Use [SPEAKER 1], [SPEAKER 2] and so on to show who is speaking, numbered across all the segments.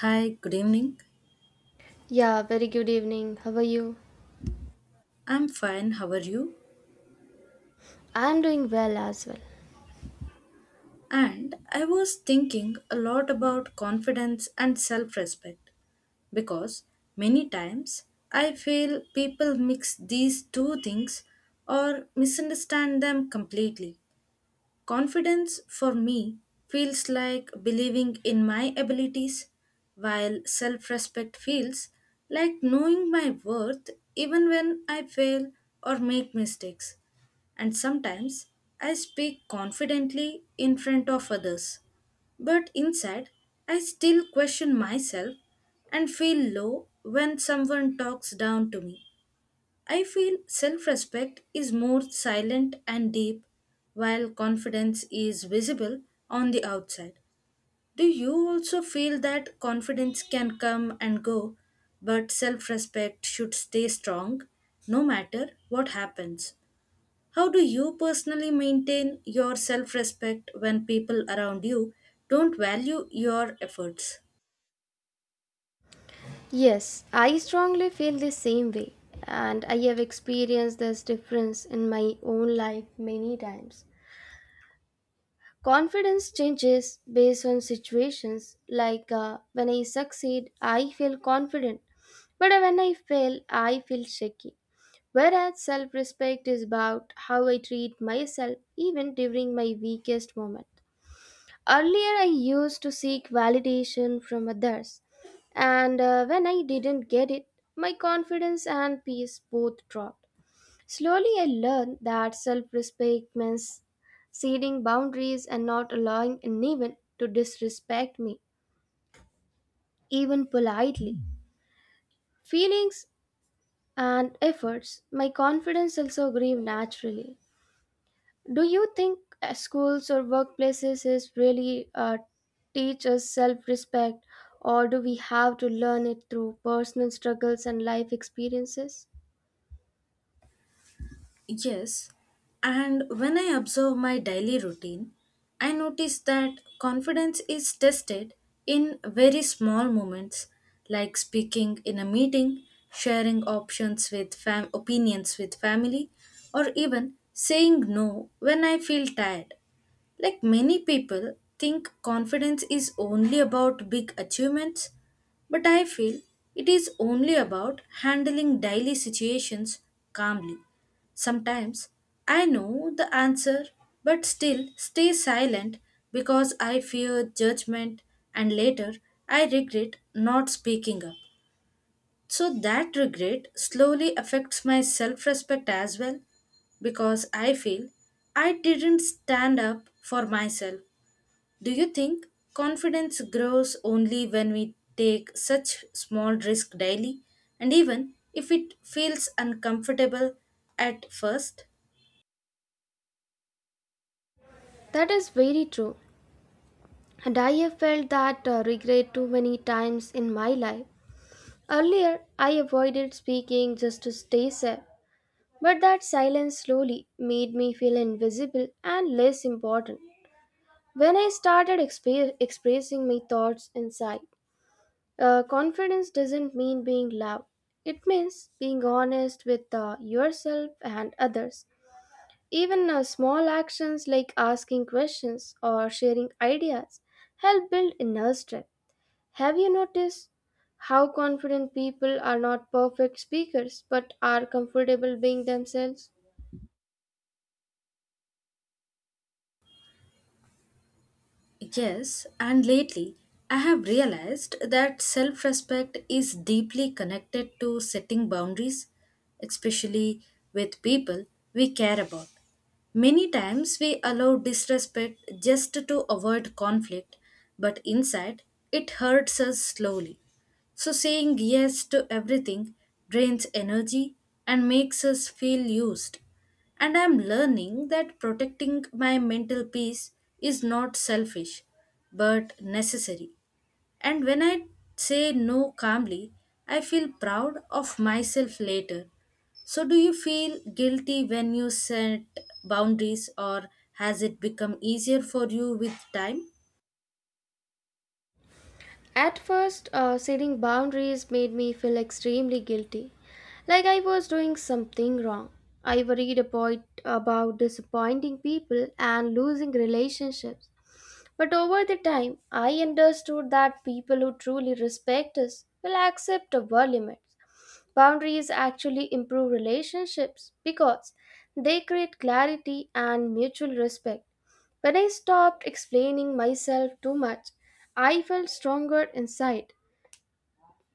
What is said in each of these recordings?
[SPEAKER 1] Hi, good evening.
[SPEAKER 2] Yeah, very good evening. How are you?
[SPEAKER 1] I'm fine, how are you?
[SPEAKER 2] I'm doing well as well.
[SPEAKER 1] And I was thinking a lot about confidence and self respect because many times I feel people mix these two things or misunderstand them completely. Confidence for me feels like believing in my abilities, while self respect feels like knowing my worth even when I fail or make mistakes. And sometimes I speak confidently in front of others, but inside I still question myself and feel low when someone talks down to me. I feel self respect is more silent and deep, while confidence is visible on the outside. Do you also feel that confidence can come and go, but self respect should stay strong no matter what happens? How do you personally maintain your self respect when people around you don't value your efforts?
[SPEAKER 2] Yes, I strongly feel the same way, and I have experienced this difference in my own life many times. Confidence changes based on situations, like when I succeed, I feel confident, but when I fail, I feel shaky. Whereas self respect is about how I treat myself even during my weakest moment. Earlier, I used to seek validation from others, and when I didn't get it, my confidence and peace both dropped. Slowly, I learned that self respect means setting boundaries and not allowing anyone to disrespect me, even politely. Feelings and efforts, my confidence also grew naturally. Do you think schools or workplaces is really teach us self-respect, or do we have to learn it through personal struggles and life experiences?
[SPEAKER 1] Yes, and when I observe my daily routine, I notice that confidence is tested in very small moments like speaking in a meeting, sharing opinions with family, or even saying no when I feel tired. Like many people think confidence is only about big achievements, but I feel it is only about handling daily situations calmly. Sometimes I know the answer but still stay silent because I fear judgment and later I regret not speaking up. So that regret slowly affects my self respect as well because I feel I didn't stand up for myself. Do you think confidence grows only when we take such small risk daily and even if it feels uncomfortable at first?
[SPEAKER 2] That is very true, and I have felt that regret too many times in my life. Earlier, I avoided speaking just to stay safe, but that silence slowly made me feel invisible and less important. When I started expressing my thoughts inside, confidence doesn't mean being loud. It means being honest with yourself and others. Even small actions like asking questions or sharing ideas help build inner strength. Have you noticed how confident people are not perfect speakers but are comfortable being themselves?
[SPEAKER 1] Yes, and lately I have realized that self respect is deeply connected to setting boundaries, especially with people we care about. Many times we allow disrespect just to avoid conflict, but inside it hurts us slowly. So saying yes to everything drains energy and makes us feel used. And I'm learning that protecting my mental peace is not selfish, but necessary. And when I say no calmly, I feel proud of myself later. So, do you feel guilty when you set boundaries, or has it become easier for you with time?
[SPEAKER 2] At first, setting boundaries made me feel extremely guilty, like I was doing something wrong. I worried about disappointing people and losing relationships. But over the time, I understood that people who truly respect us will accept our limits. Boundaries actually improve relationships because they create clarity and mutual respect. When I stopped explaining myself too much, I felt stronger inside.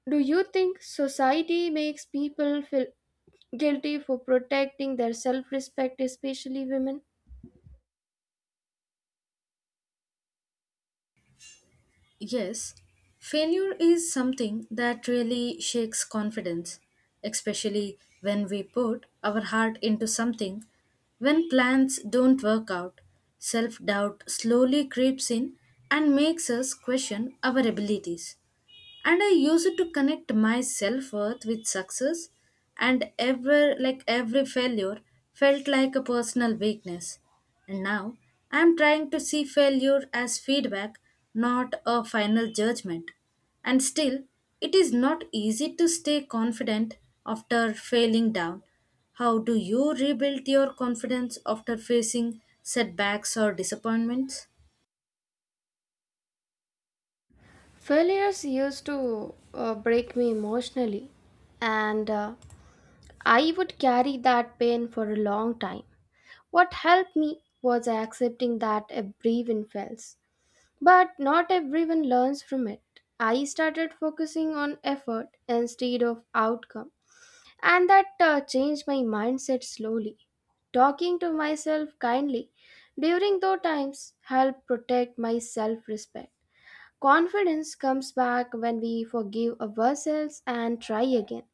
[SPEAKER 2] Do you think society makes people feel guilty for protecting their self respect, especially women?
[SPEAKER 1] Yes, failure is something that really shakes confidence, especially when we put our heart into something. When plans don't work out, self doubt slowly creeps in and makes us question our abilities and I use it to connect my self-worth with success and ever like every failure felt like a personal weakness and now I am trying to see failure as feedback, not a final judgment. And still, it is not easy to stay confident after failing down. How do you rebuild your confidence after facing setbacks or disappointments?
[SPEAKER 2] Failures used to break me emotionally, and I would carry that pain for a long time. What helped me was accepting that everyone fails. But not everyone learns from it. I started focusing on effort instead of outcome, and that changed my mindset slowly. Talking to myself kindly during those times helped protect my self respect. Confidence comes back when we forgive ourselves and try again.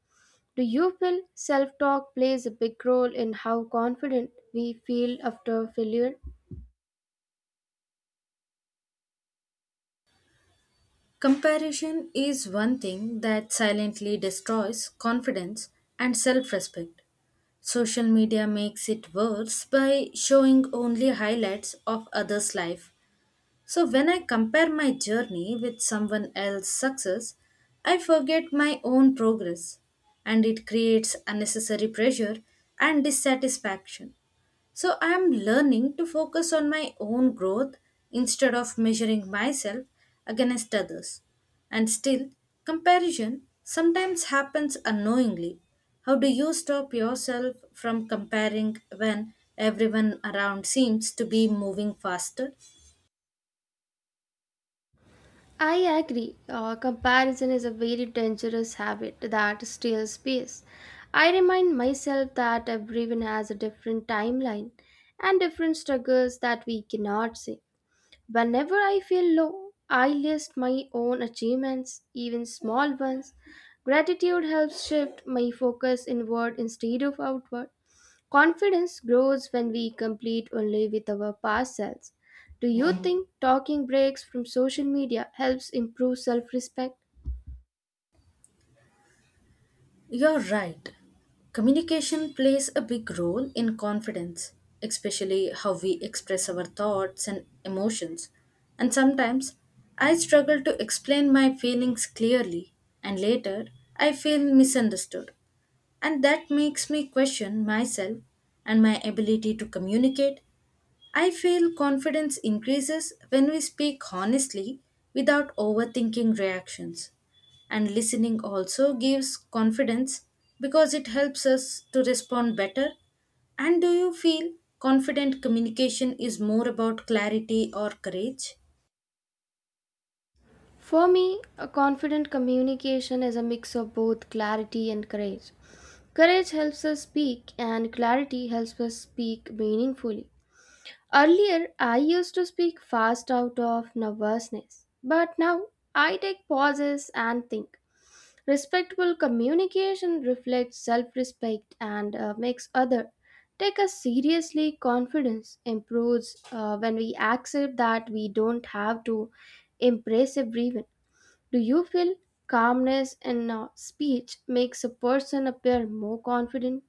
[SPEAKER 2] Do you feel self talk plays a big role in how confident we feel after failure?
[SPEAKER 1] Comparison is one thing that silently destroys confidence and self respect. Social media makes it worse by showing only highlights of others' life. So, when I compare my journey with someone else's success, I forget my own progress and it creates unnecessary pressure and dissatisfaction. So I'm learning to focus on my own growth instead of measuring myself against others. And still, comparison sometimes happens unknowingly. How do you stop yourself from comparing when everyone around seems to be moving faster?
[SPEAKER 2] I agree. Comparison is a very dangerous habit that steals space. I remind myself that everyone has a different timeline and different struggles that we cannot see. Whenever I feel low, I list my own achievements, even small ones. Gratitude helps shift my focus inward instead of outward. Confidence grows when we complete only with our past selves. Do you think talking breaks from social media helps improve self respect?
[SPEAKER 1] You're right. Communication plays a big role in confidence, especially how we express our thoughts and emotions. And sometimes I struggle to explain my feelings clearly, and later I feel misunderstood. And that makes me question myself and my ability to communicate. I feel confidence increases when we speak honestly without overthinking reactions. And listening also gives confidence because it helps us to respond better. And do you feel confident communication is more about clarity or courage?
[SPEAKER 2] For me, a confident communication is a mix of both clarity and courage. Courage helps us speak, and clarity helps us speak meaningfully. Earlier, I used to speak fast out of nervousness, but now I take pauses and think. Respectful communication reflects self respect and makes other take us seriously. Confidence improves when we accept that we don't have to impress everyone. Do you feel calmness in speech makes a person appear more confident?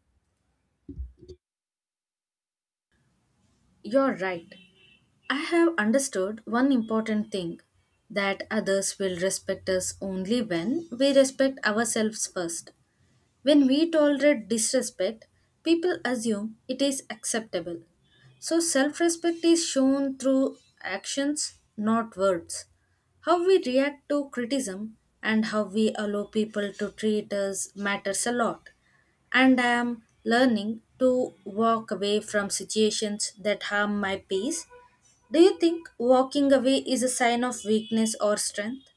[SPEAKER 1] You're right. I have understood one important thing, that others will respect us only when we respect ourselves first. When we tolerate disrespect, people assume it is acceptable. So self respect is shown through actions, not words. How we react to criticism and how we allow people to treat us matters a lot. And I am learning to walk away from situations that harm my peace. Do you think walking away is a sign of weakness or strength?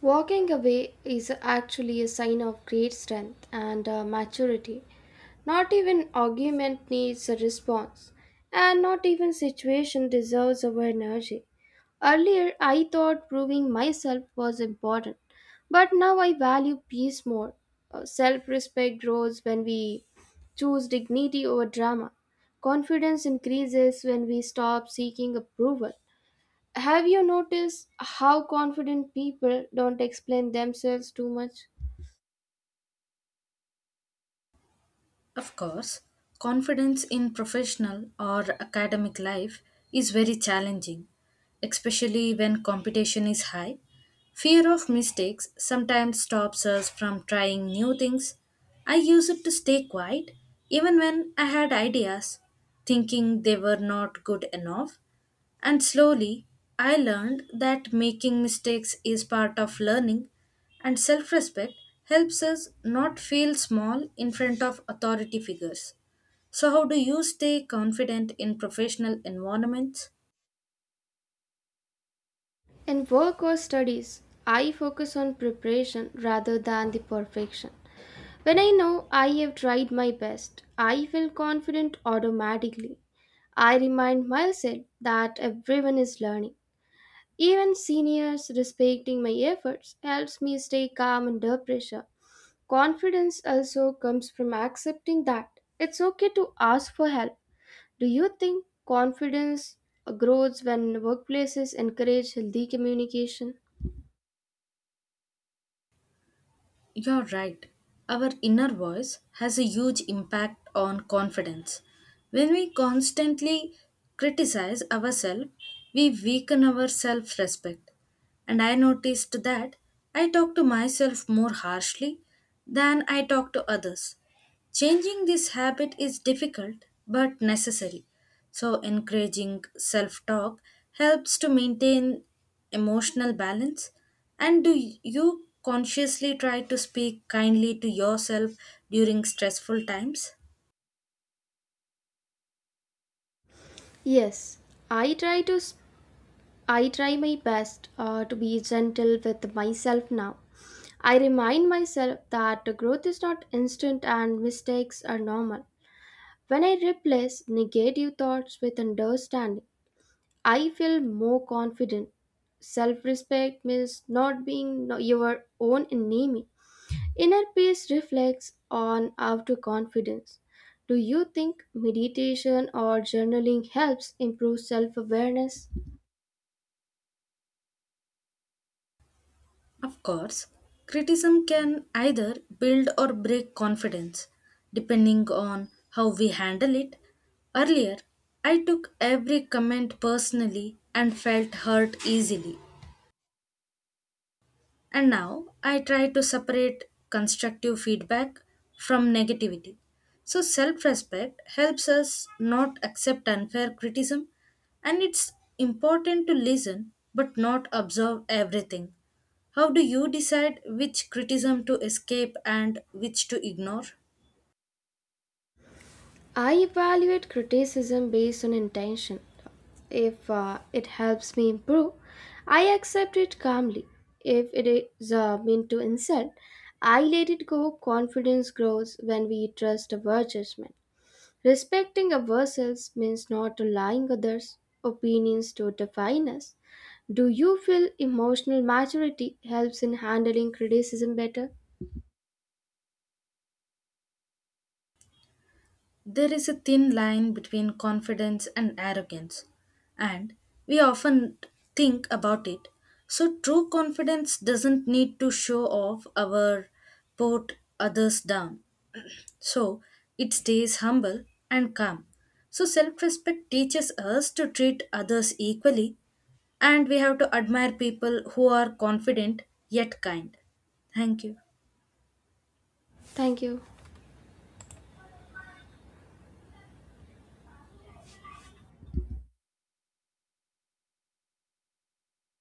[SPEAKER 2] Walking away is actually a sign of great strength and maturity. Not even argument needs a response, and not even situation deserves our energy. Earlier, I thought proving myself was important, but now I value peace more. Self respect grows when we choose dignity over drama. Confidence increases when we stop seeking approval. Have you noticed how confident people don't explain themselves too much?
[SPEAKER 1] Of course, confidence in professional or academic life is very challenging, especially when competition is high. Fear of mistakes sometimes stops us from trying new things. I used it to stay quiet even when I had ideas, thinking they were not good enough. And slowly, I learned that making mistakes is part of learning, and self respect helps us not feel small in front of authority figures. So, how do you stay confident in professional environments?
[SPEAKER 2] In work or studies, I focus on preparation rather than the perfection. When I know I have tried my best, I feel confident automatically. I remind myself that everyone is learning. Even seniors respecting my efforts helps me stay calm under pressure. Confidence also comes from accepting that it's okay to ask for help. Do you think confidence grows when workplaces encourage healthy communication?
[SPEAKER 1] You're right. Our inner voice has a huge impact on confidence. When we constantly criticize ourselves, we weaken our self respect. And I noticed that I talk to myself more harshly than I talk to others. Changing this habit is difficult but necessary. So, encouraging self talk helps to maintain emotional balance. And do you consciously try to speak kindly to yourself during stressful times?
[SPEAKER 2] Yes, I try to I try my best to be gentle with myself now. I remind myself that growth is not instant and mistakes are normal. When I replace negative thoughts with understanding, I feel more confident. Self respect means not being your own enemy. Inner peace reflects on outer confidence. Do you think meditation or journaling helps improve self awareness?
[SPEAKER 1] Of course, criticism can either build or break confidence, depending on how we handle it. Earlier, I took every comment personally and felt hurt easily. And now I try to separate constructive feedback from negativity. So self respect helps us not accept unfair criticism, and it's important to listen but not observe everything. How do you decide which criticism to escape and which to ignore?
[SPEAKER 2] I evaluate criticism based on intention. If it helps me improve, I accept it calmly. If it is meant to insult, I let it go. Confidence grows when we trust our judgment. Respecting ourselves means not allowing others' opinions to define us. Do you feel emotional maturity helps in handling criticism better?
[SPEAKER 1] There is a thin line between confidence and arrogance, and we often think about it. So, true confidence doesn't need to show off or put others down. So, it stays humble and calm. So, self respect teaches us to treat others equally, and we have to admire people who are confident yet kind. Thank you.
[SPEAKER 2] Thank you.